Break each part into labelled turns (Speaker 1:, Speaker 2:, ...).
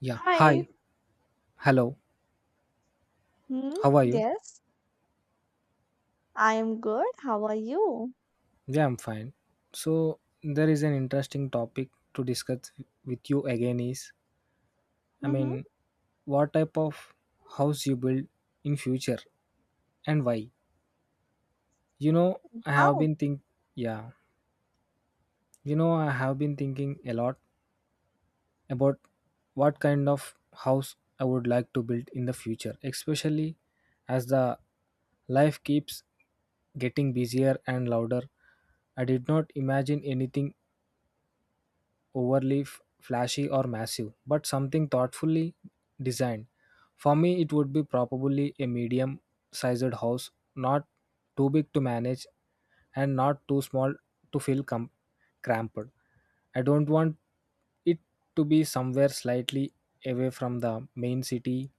Speaker 1: Yeah,
Speaker 2: Hi.
Speaker 1: hi, hello,
Speaker 2: Hmm.
Speaker 1: how are you?
Speaker 2: Yes, I am good. How are you?
Speaker 1: Yeah, I'm fine. So, there is an interesting topic to discuss with you again is I
Speaker 2: Mm-hmm.
Speaker 1: mean, what type of house you build in future and why? You know, I have
Speaker 2: Wow.
Speaker 1: been think yeah, you know, I have been thinking a lot about what kind of house I would like to build in the future, especially as the life keeps getting busier and louder. I did not imagine anything overly flashy or massive, but something thoughtfully designed. For me, it would be probably a medium sized house, not too big to manage and not too small to feel cramped. I don't want it to be somewhere slightly away from the main city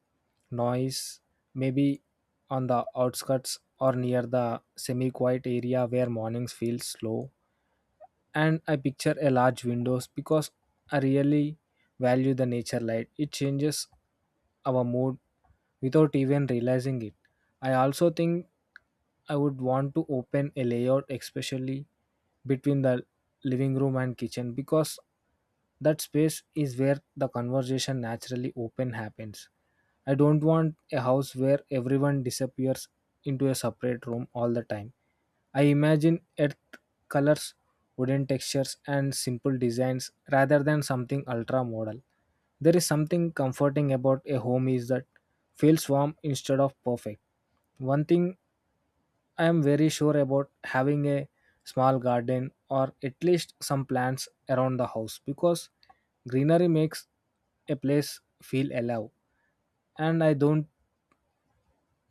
Speaker 1: noise, maybe on the outskirts or near the semi quiet area where mornings feel slow and I picture a large windows because I really value the nature light. It changes our mood without even realizing it. I also think I would want to open a layout especially between the living room and kitchen because that space is where the conversation naturally open happens. I don't want a house where everyone disappears into a separate room all the time. I imagine earth colors wooden textures, and simple designs rather than something ultra model. There is something comforting about a home is that feels warm instead of perfect. One thing I am very sure about having a small garden or at least some plants around the house because greenery makes a place feel alive and I don't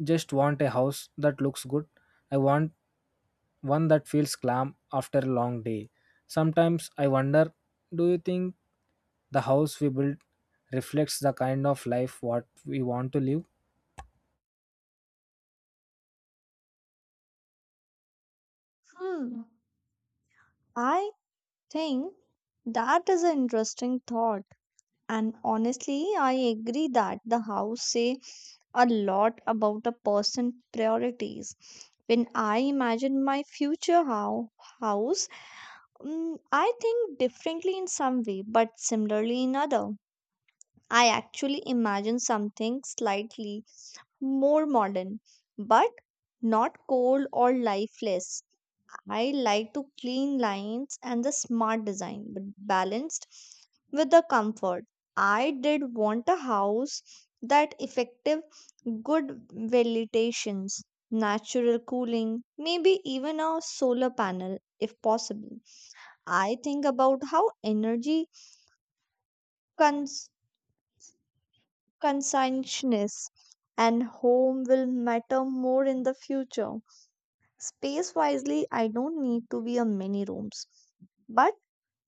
Speaker 1: just want a house that looks good. I want one that feels calm after a long day. Sometimes I wonder do you think the house we build reflects the kind of life what we want to live?
Speaker 2: Hmm. I think that is an interesting thought. And honestly, I agree that the house say a lot about a person's priorities. When I imagine my future how house, I think differently in some way, but similarly in other. I actually imagine something slightly more modern, but not cold or lifeless. I like to clean lines and the smart design, but balanced with the comfort. I did want a house that effective good ventilations, natural cooling, maybe even a solar panel if possible. I think about how energy cons. conscientiousness and home will matter more in the future. Space wisely, I don't need to be a many rooms, but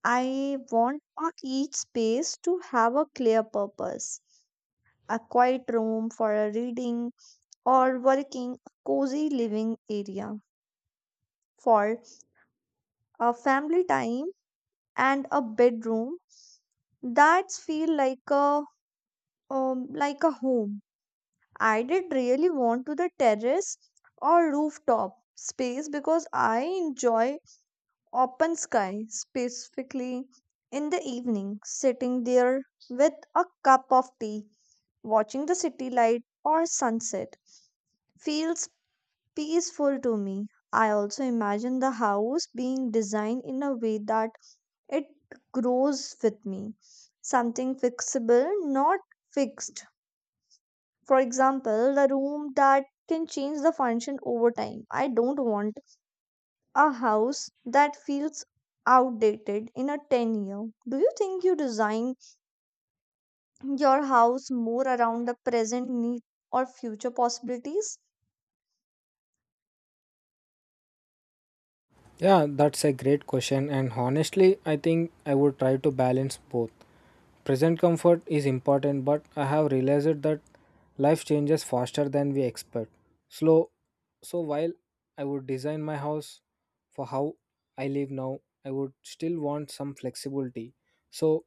Speaker 2: I want a each space to have a clear purpose. A quiet room for a reading or working, a cozy living area for a family time, and a bedroom that feel like a home. I did really want to the terrace or rooftop space because I enjoy open sky, specifically in the evening, sitting there with a cup of tea, watching the city light or sunset. Feels peaceful to me. I also imagine the house being designed in a way that it grows with me, something fixable, not fixed. For example, the room that can change the function over time. I don't want a house that feels outdated in a 10 year. Do you think you design your house more around the present need or future possibilities?
Speaker 1: Yeah, that's a great question, and honestly, I think I would try to balance both. Present comfort is important, but I have realized that life changes faster than we expect. Slow. So while I would design my house for how I live now, I would still want some flexibility. So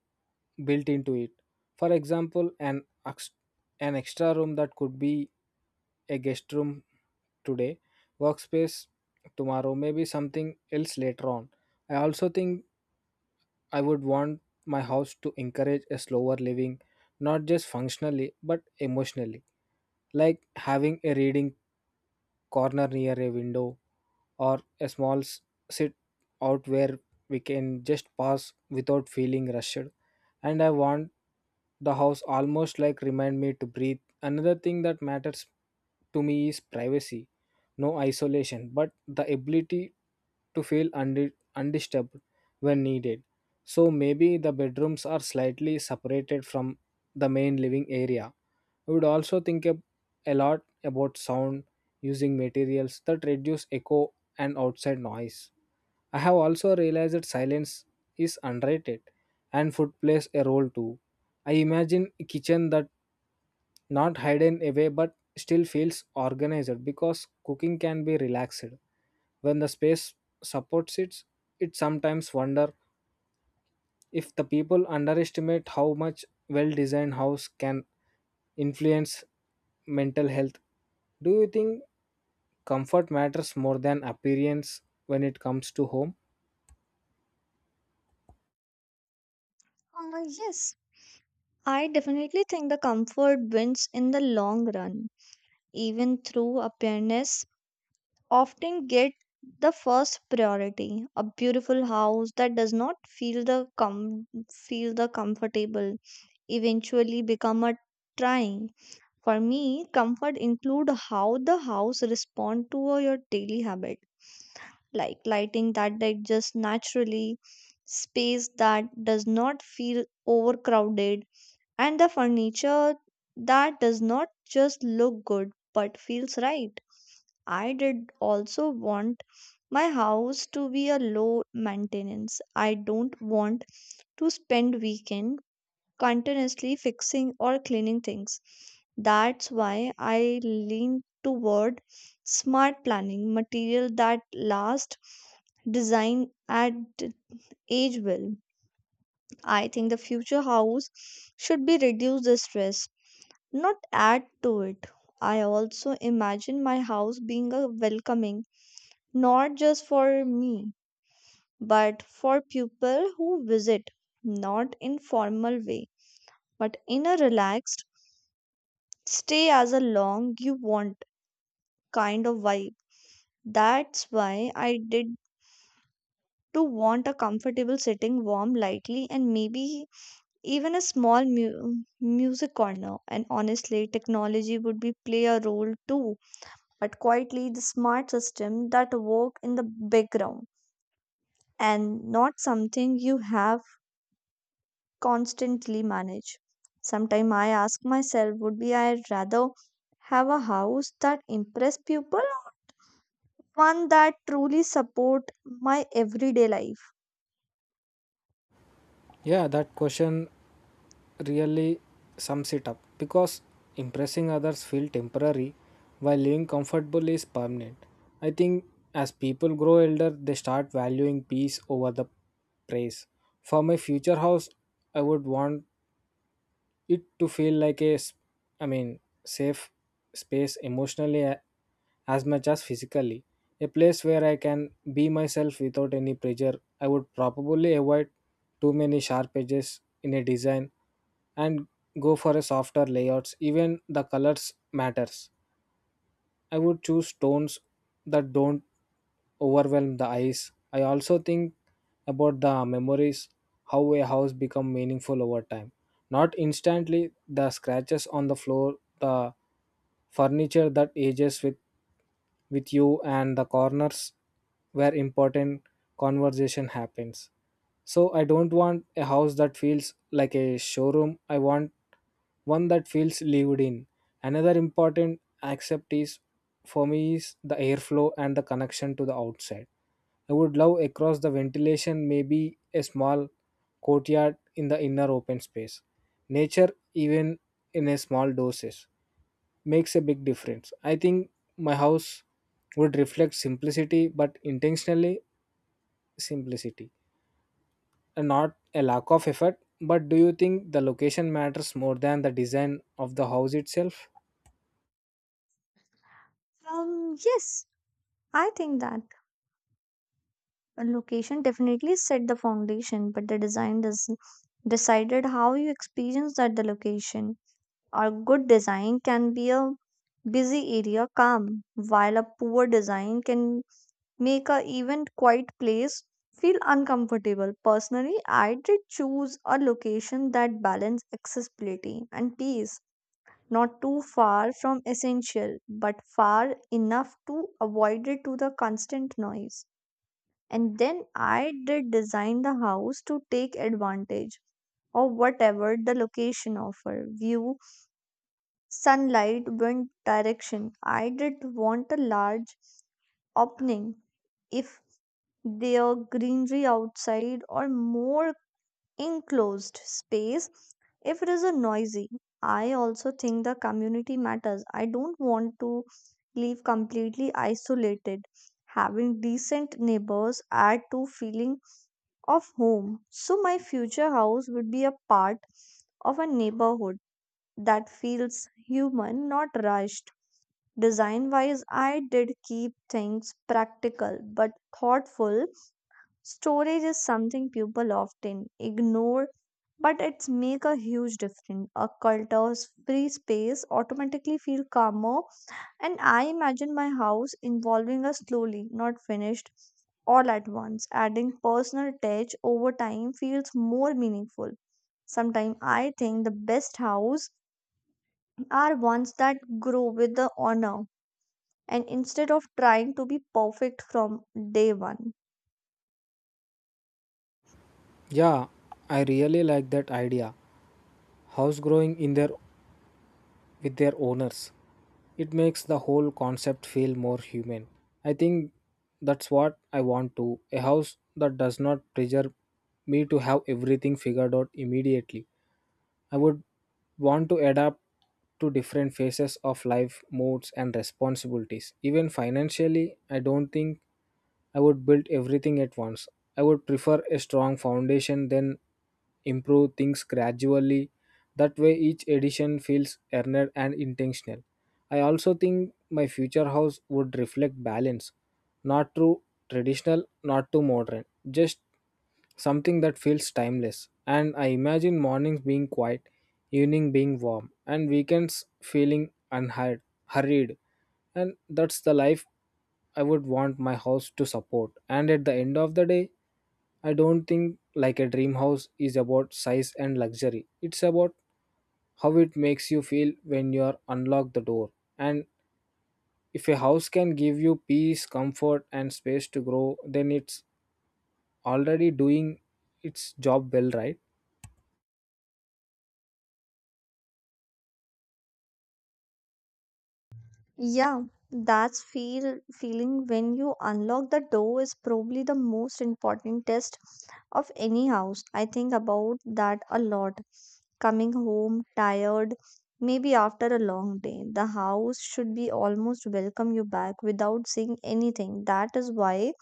Speaker 1: built into it. For example, an extra room that could be a guest room today, workspace tomorrow, maybe something else later on. I also think I would want my house to encourage a slower living, not just functionally but emotionally, like having a reading corner near a window or a sit out where we can just pass without feeling rushed. And I want the house almost like remind me to breathe. Another thing that matters to me is privacy, no isolation, but the ability to feel undisturbed when needed. So maybe the bedrooms are slightly separated from the main living area. I would also think a lot about sound using materials that reduce echo and outside noise. I have also realized that silence is underrated and food plays a role too. I imagine a kitchen that not hidden away but still feels organized because cooking can be relaxed when the space supports it. It sometimes wonder if the people underestimate how much well designed house can influence mental health. Do you think comfort matters more than appearance when it comes to home?
Speaker 2: Yes, I definitely think the comfort wins in the long run, even through appearance often get the first priority. A beautiful house that does not feel the comfortable eventually become a trying. For me, comfort include how the house respond to your daily habit like lighting that they just naturally space that does not feel overcrowded and the furniture that does not just look good but feels right. I did also want my house to be a low maintenance. I don't want to spend weekend continuously fixing or cleaning things. That's why I lean toward smart planning, material that last, design at age well. I think the future house should be reduce the stress not add to it. I also imagine my house being a welcoming, not just for me, but for people who visit, not in formal way, but in a relaxed, stay as a long you want kind of vibe. That's why I did to want a comfortable sitting, warm, lightly, and maybe even a small music corner. And honestly, technology would be play a role too but quietly the smart system that work in the background and not something you have constantly manage. Sometimes I ask myself, would be I rather have a house that impress people or one that truly support my everyday life?
Speaker 1: Yeah, that question really sums it up because impressing others feel temporary while living comfortable is permanent. I think as people grow elder they start valuing peace over the praise. For my future house I would want it to feel like a s- I mean safe space emotionally as much as physically, a place where I can be myself without any pressure. I would probably avoid too many sharp edges in a design and go for a softer layouts. Even the colors matters. I would choose tones that don't overwhelm the eyes. I also think about the memories, how a house become meaningful over time. Not instantly, the scratches on the floor, the furniture that ages with you and the corners where important conversation happens. So I don't want a house that feels like a showroom. I want one that feels lived in. Another important aspect is for me is the airflow and the connection to the outside. I would love across the ventilation, maybe a small courtyard in the inner open space. Nature, even in a small doses, makes a big difference. I think my house would reflect simplicity, but intentionally simplicity, and not a lack of effort. But do you think the location matters more than the design of the house itself?
Speaker 2: Yes, I think that a location definitely set the foundation, but the design does decided how you experience that the location. A good design can be a busy area calm, while a poor design can make a even quiet place feel uncomfortable. Personally, I did choose a location that balanced accessibility and peace, not too far from essential, but far enough to avoid it to the constant noise. And then I did design the house to take advantage of whatever the location offer, view sunlight wind direction. I did want a large opening if there greenery outside or more enclosed space if it is a noisy. I also think the community matters. I don't want to live completely isolated. Having decent neighbors add to feeling of home. So my future house would be a part of a neighborhood that feels human, not rushed. Design wise, I did keep things practical but thoughtful. Storage is something people often ignore, but it's make a huge difference. A culture's free space automatically feel calmer, and I imagine my house involving a slowly, not finished all at once. Adding personal touch over time feels more meaningful. Sometimes I think the best house are ones that grow with the honor and instead of trying to be perfect from day one.
Speaker 1: Yeah, I really like that idea. House growing in their with their owners. It makes the whole concept feel more human. I think that's what I want to a house that does not pressure me to have everything figured out immediately. I would want to adapt to different phases of life, moods, and responsibilities. Even financially, I don't think I would build everything at once. I would prefer a strong foundation, then improve things gradually. That way, each edition feels earned and intentional. I also think my future house would reflect balance, not too traditional, not too modern, just something that feels timeless. And I imagine mornings being quiet, evening being warm, and weekends feeling hurried. And that's the life I would want my house to support. And at the end of the day, I don't think like a dream house is about size and luxury. It's about how it makes you feel when you are unlock the door, and if a house can give you peace comfort and space to grow then it's already doing its job well, right?
Speaker 2: Yeah, that's feeling when you unlock the door is probably the most important test of any house. I think about that a lot. Coming home tired, maybe after a long day, the house should be almost welcome you back without saying anything. That is why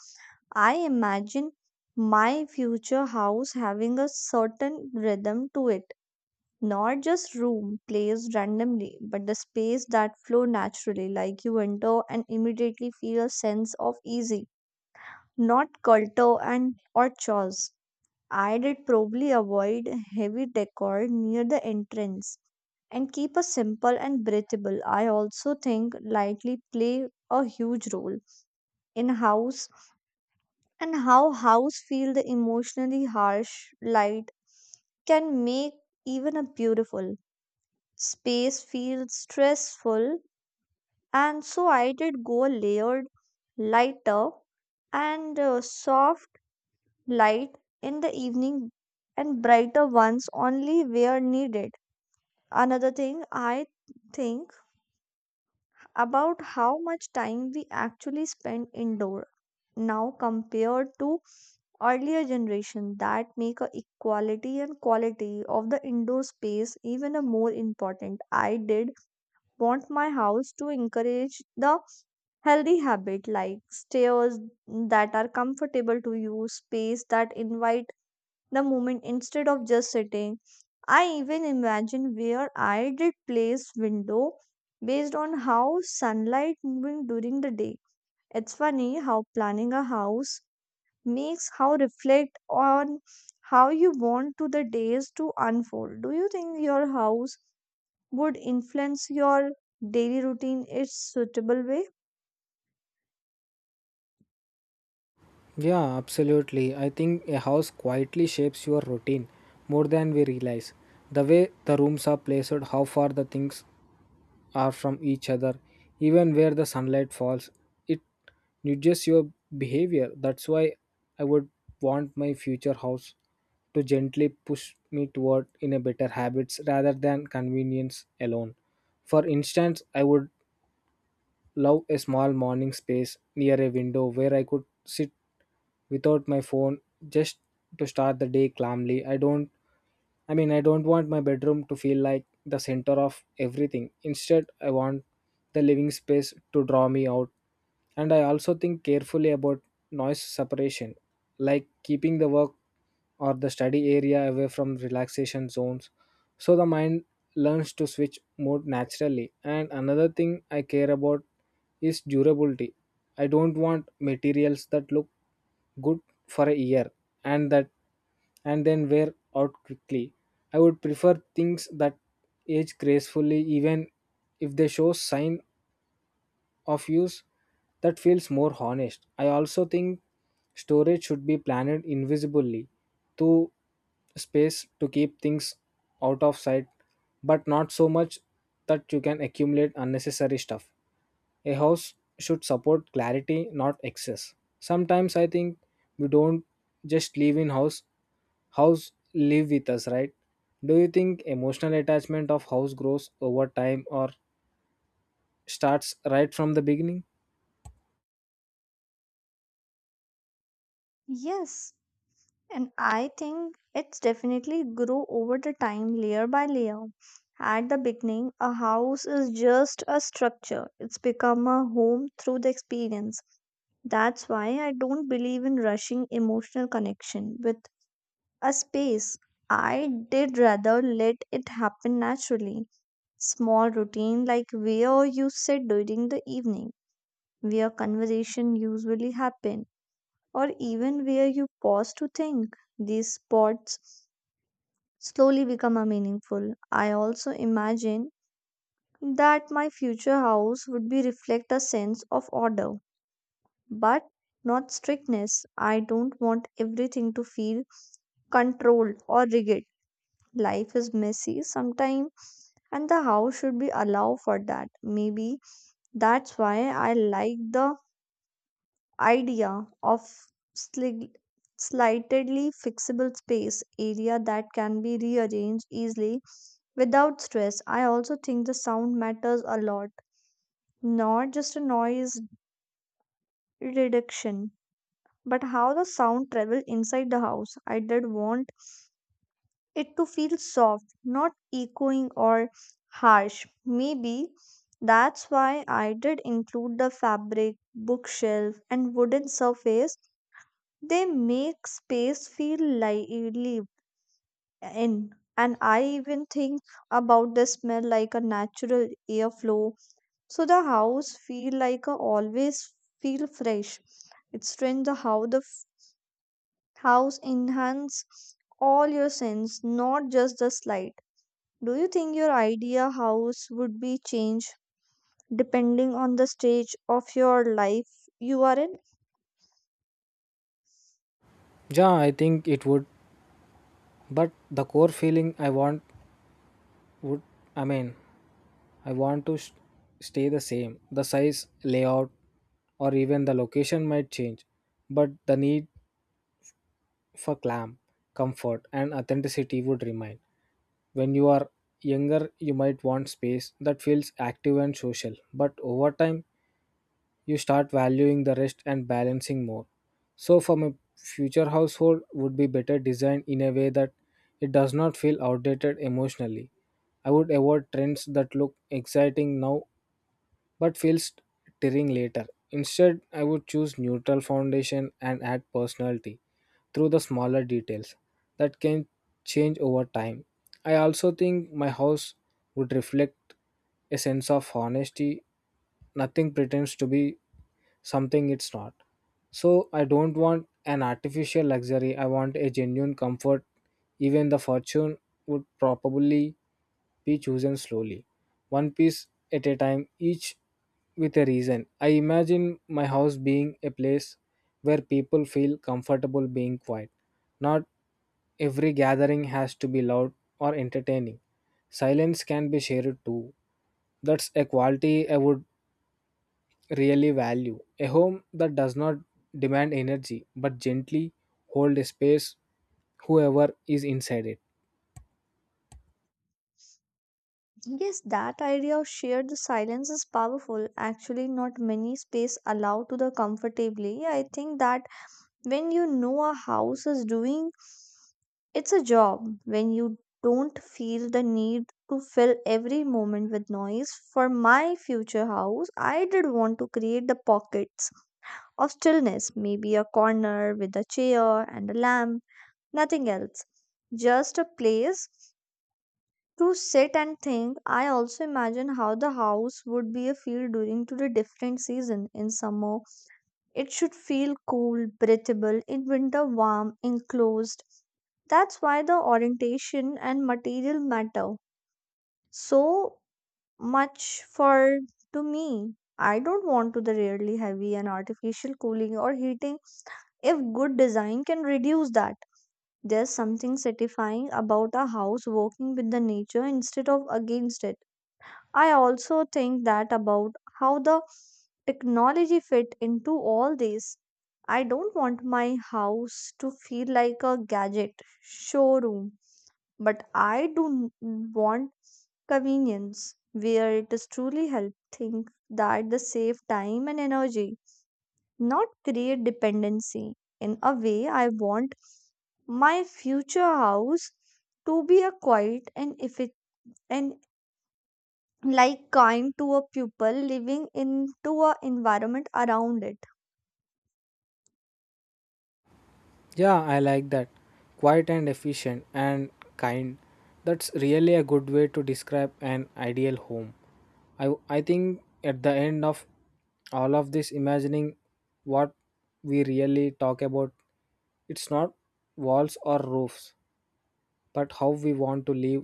Speaker 2: I imagine my future house having a certain rhythm to it, not just room placed randomly, but the space that flow naturally, like you enter and immediately feel a sense of easy, not clutter and or chores. I did probably avoid heavy decor near the entrance and keep a simple and breathable. I also think lightly play a huge role in house and how house feel the emotionally. Harsh light can make even a beautiful space feel stressful, and so I did go a layered lighter and soft light in the evening and brighter ones only where needed. Another thing I think about how much time we actually spend indoor now compared to earlier generation that make a equality and quality of the indoor space even a more important. I did want my house to encourage the healthy habit like stairs that are comfortable to use space that invite the movement instead of just sitting. I even imagine where I did place window based on how sunlight moving during the day. It's funny how planning a house makes how reflect on how you want to the days to unfold. Do you think your house would influence your daily routine in a suitable way?
Speaker 1: Yeah, absolutely. I think a house quietly shapes your routine more than we realize. The way the rooms are placed, how far the things are from each other, even where the sunlight falls, it nudges your behavior. That's why I would want my future house to gently push me toward in a better habits rather than convenience alone. For instance, I would love a small morning space near a window where I could sit without my phone just to start the day calmly. I don't want my bedroom to feel like the center of everything. Instead, I want the living space to draw me out. And I also think carefully about noise separation, like keeping the work or the study area away from relaxation zones so the mind learns to switch mode naturally. And another thing I care about is durability. I don't want materials that look good for a year and that and then wear out quickly. I would prefer things that age gracefully even if they show sign of use that feels more honest. I also think storage should be planned invisibly to space to keep things out of sight, but not so much that you can accumulate unnecessary stuff. A house should support clarity, not excess. Sometimes I think we don't just live in house, house live with us, right? Do you think emotional attachment of house grows over time or starts right from the beginning?
Speaker 2: Yes, and I think it's definitely grow over the time layer by layer. At the beginning, a house is just a structure. It's become a home through the experience. That's why I don't believe in rushing emotional connection with a space. I did rather let it happen naturally. Small routine like where you sit during the evening, where conversation usually happen, or even where you pause to think. These spots slowly become a meaningful. I also imagine that my future house would be reflect a sense of order, but not strictness. I don't want everything to feel controlled or rigid. Life is messy sometimes and the house should be allowed for that. Maybe that's why I like the idea of slig- slightly fixable space area that can be rearranged easily without stress. I also think the sound matters a lot, not just a noise reduction, but how the sound travel inside the house. I did want it to feel soft, not echoing or harsh. Maybe that's why I did include the fabric, bookshelf, and wooden surface. They make space feel lively in. And I even think about the smell like a natural airflow. So the house feel like a always feel fresh. It's strange the how house enhance all your sense, not just the slight. Do you think your idea house would be changed depending on the stage of your life you are in?
Speaker 1: Yeah, I think it would, but the core feeling I want would, I mean, I want to s stay the same. The size, layout, or even the location might change, but the need for clamp, comfort, and authenticity would remain. When you are younger, you might want space that feels active and social, but over time, you start valuing the rest and balancing more. So, from a future household, would be better designed in a way that it does not feel outdated emotionally. I would avoid trends that look exciting now but feels tiring later. Instead, I would choose neutral foundation and add personality through the smaller details that can change over time. I also think my house would reflect a sense of honesty. Nothing pretends to be something it's not. So I don't want an artificial luxury. I want a genuine comfort. Even the fortune would probably be chosen slowly, one piece at a time, each with a reason. I imagine my house being a place where people feel comfortable being quiet. Not every gathering has to be loud or entertaining. Silence can be shared too. That's a quality I would really value. A home that does not demand energy but gently hold a space whoever is inside it.
Speaker 2: Yes, that idea of share the silence is powerful. Actually, not many space allow to the comfortably. I think that when you know a house is doing it's a job, when you don't feel the need to fill every moment with noise. For my future house, I did want to create the pockets of stillness, maybe a corner with a chair and a lamp, nothing else. Just a place to sit and think. I also imagine how the house would be a feel during to the different season. In summer, it should feel cool, breathable. In winter, warm, enclosed. That's why the orientation and material matter so much for to me. I don't want to the really heavy and artificial cooling or heating if good design can reduce that, there's something satisfying about a house working with the nature instead of against it. I also think that about how the technology fit into all this. I don't want my house to feel like a gadget showroom, but I do want convenience where it is truly helping that the save time and energy not create dependency. In a way, I want my future house to be a quiet and if it and like kind to a pupil living into a environment around it.
Speaker 1: Yeah, I like that. Quiet and efficient and kind. That's really a good way to describe an ideal home. I think at the end of all of this, imagining what we really talk about, it's not walls or roofs, but how we want to live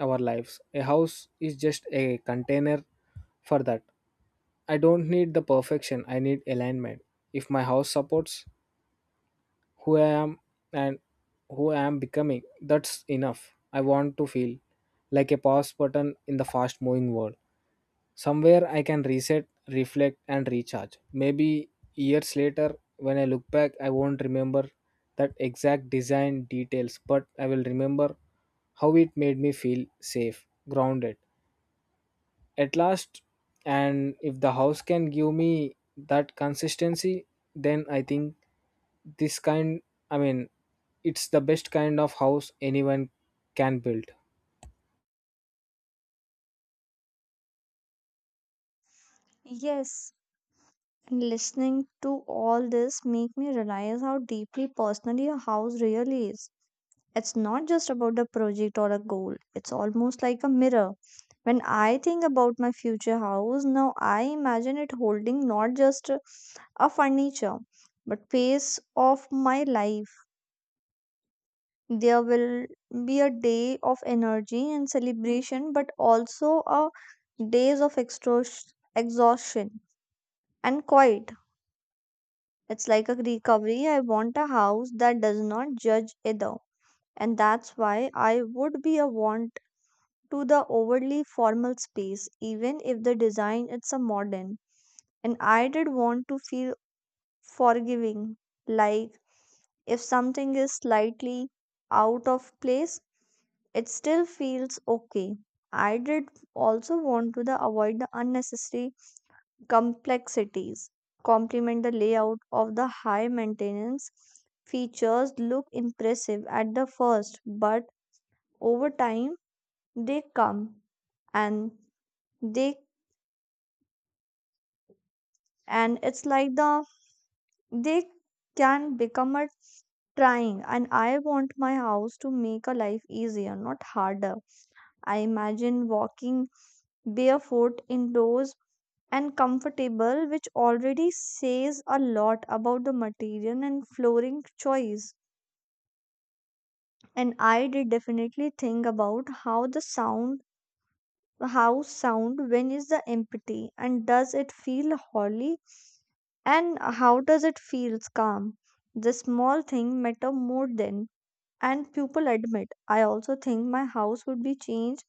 Speaker 1: our lives. A house is just a container for that. I don't need the perfection, I need alignment. If my house supports who I am and who I am becoming. That's enough. I want to feel like a pause button in the fast moving world. Somewhere I can reset, reflect, and recharge. Maybe years later, when I look back, I won't remember that exact design details, but I will remember how it made me feel safe, grounded at last. And if the house can give me that consistency, then I think this kind, I mean, it's the best kind of house anyone can build.
Speaker 2: Yes, and listening to all this make me realize how deeply personally a house really is. It's not just about a project or a goal. It's almost like a mirror. When I think about my future house now, I imagine it holding not just a furniture but pace of my life. There will be a day of energy and celebration, but also a days of exhaustion and quiet. It's like a recovery. I want a house that does not judge either. And that's why I would be a want to the overly formal space, even if the design is a modern. And I did want to feel forgiving, like if something is slightly out of place, it still feels okay. I did also want to the avoid the unnecessary complexities, complement the layout of the high maintenance features look impressive at the first, but over time they come and they and it's like the they can become a trying. And I want my house to make a life easier not harder. I imagine walking barefoot indoors and comfortable which already says a lot about the material and flooring choice. And I did definitely think about how the sound. How sound, when is the empathy, and does it feel holy? And how does it feels calm? The small thing matter more than, and people admit. I also think my house would be changed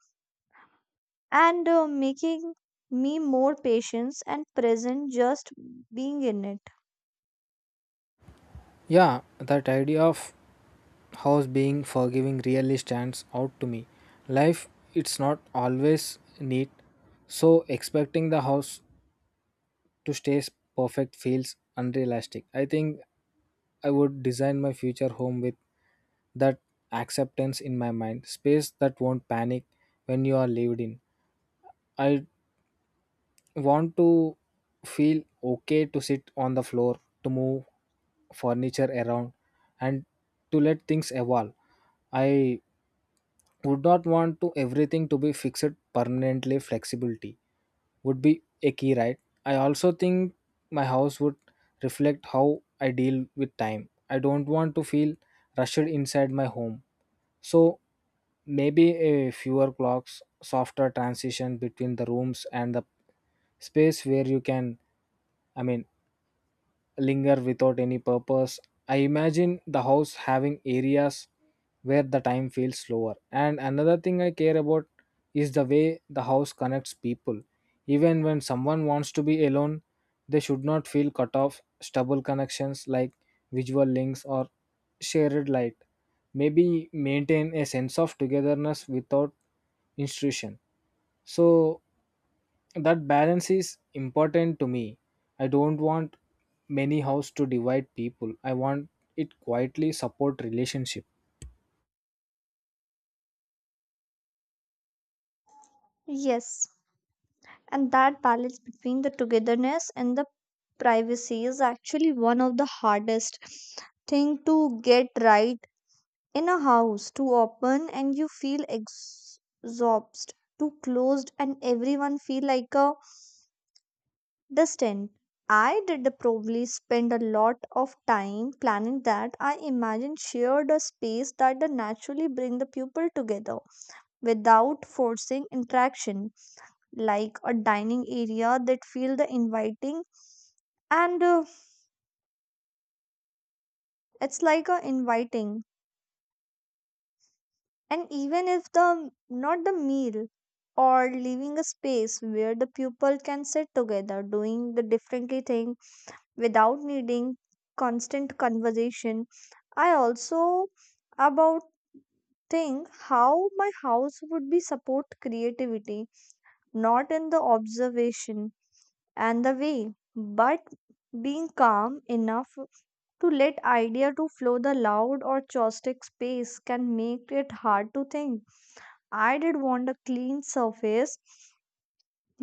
Speaker 2: and making me more patient and present just being in it.
Speaker 1: Yeah, that idea of house being forgiving really stands out to me. Life, it's not always neat, so expecting the house to stay perfect feels unrealistic. I think I would design my future home with that acceptance in my mind, space that won't panic when you are lived in. I want to feel okay to sit on the floor, to move furniture around, and to let things evolve. I would not want to everything to be fixed permanently. Flexibility would be a key, right? I also think my house would reflect how I deal with time. I don't want to feel rushed inside my home. So maybe a fewer clocks, softer transition between the rooms and the space where you can I mean, linger without any purpose. I imagine the house having areas where the time feels slower. And another thing I care about is the way the house connects people. Even when someone wants to be alone, they should not feel cut off. Stubble connections like visual links or shared light. Maybe maintain a sense of togetherness without institution. So that balance is important to me. I don't want many house to divide people. I want it quietly support relationship.
Speaker 2: Yes, and that balance between the togetherness and the privacy is actually one of the hardest thing to get right in a house too open and you feel exhausted too closed and everyone feel like a distant. I did probably spend a lot of time planning that. I imagine shared a space that the naturally bring the people together without forcing interaction like a dining area that feel the inviting and it's like a inviting. And even if the not the meal or leaving a space where the pupil can sit together doing the differently thing without needing constant conversation. I also about think how my house would be support creativity, not in the observation and the way, but being calm enough to let idea to flow the loud or chaotic space can make it hard to think. I did want a clean surface,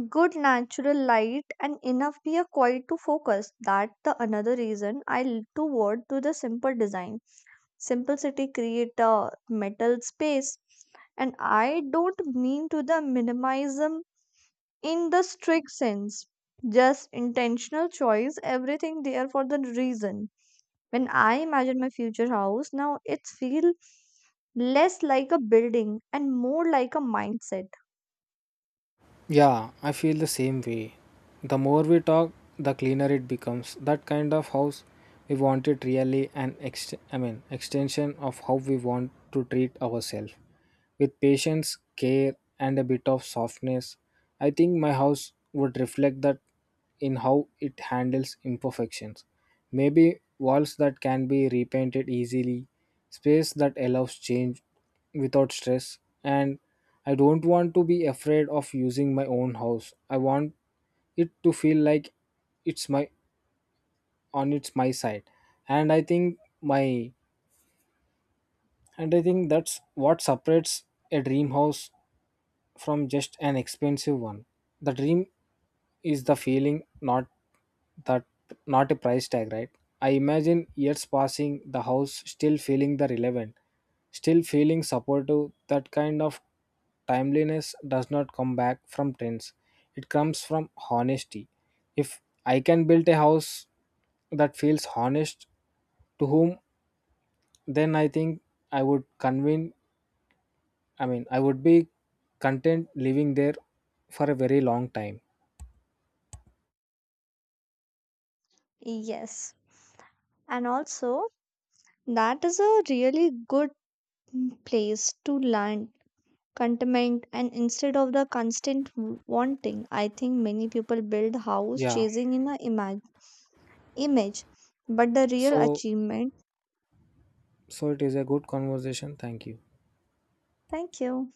Speaker 2: good natural light, and enough peer quiet to focus. That's the another reason I toward to the simple design. Simplicity create a metal space, and I don't mean to the minimalism in the strict sense. Just intentional choice, everything there for the reason. When I imagine my future house, now it feel less like a building and more like a mindset.
Speaker 1: Yeah, I feel the same way. The more we talk, the cleaner it becomes. That kind of house we want it really an ext- I mean extension of how we want to treat ourselves. With patience, care, and a bit of softness, I think my house would reflect that in how it handles imperfections. Maybe walls that can be repainted easily, space that allows change without stress, and I don't want to be afraid of using my own house. I want it to feel like it's my on its my side. And i think my and i think that's what separates a dream house from just an expensive one. The dream is the feeling, that not a price tag, right? I imagine years passing, the house still feeling the relevant, still feeling supportive. That kind of timeliness does not come back from trends. It comes from honesty. If I can build a house that feels honest to whom, then I think I would convene I mean I would be content living there for a very long time.
Speaker 2: Yes. And also, that is a really good place to learn contentment and instead of the constant wanting. I think many people build house
Speaker 1: Yeah.
Speaker 2: chasing in a image, but the real
Speaker 1: So,
Speaker 2: achievement.
Speaker 1: so it is a good conversation. Thank you.
Speaker 2: Thank you.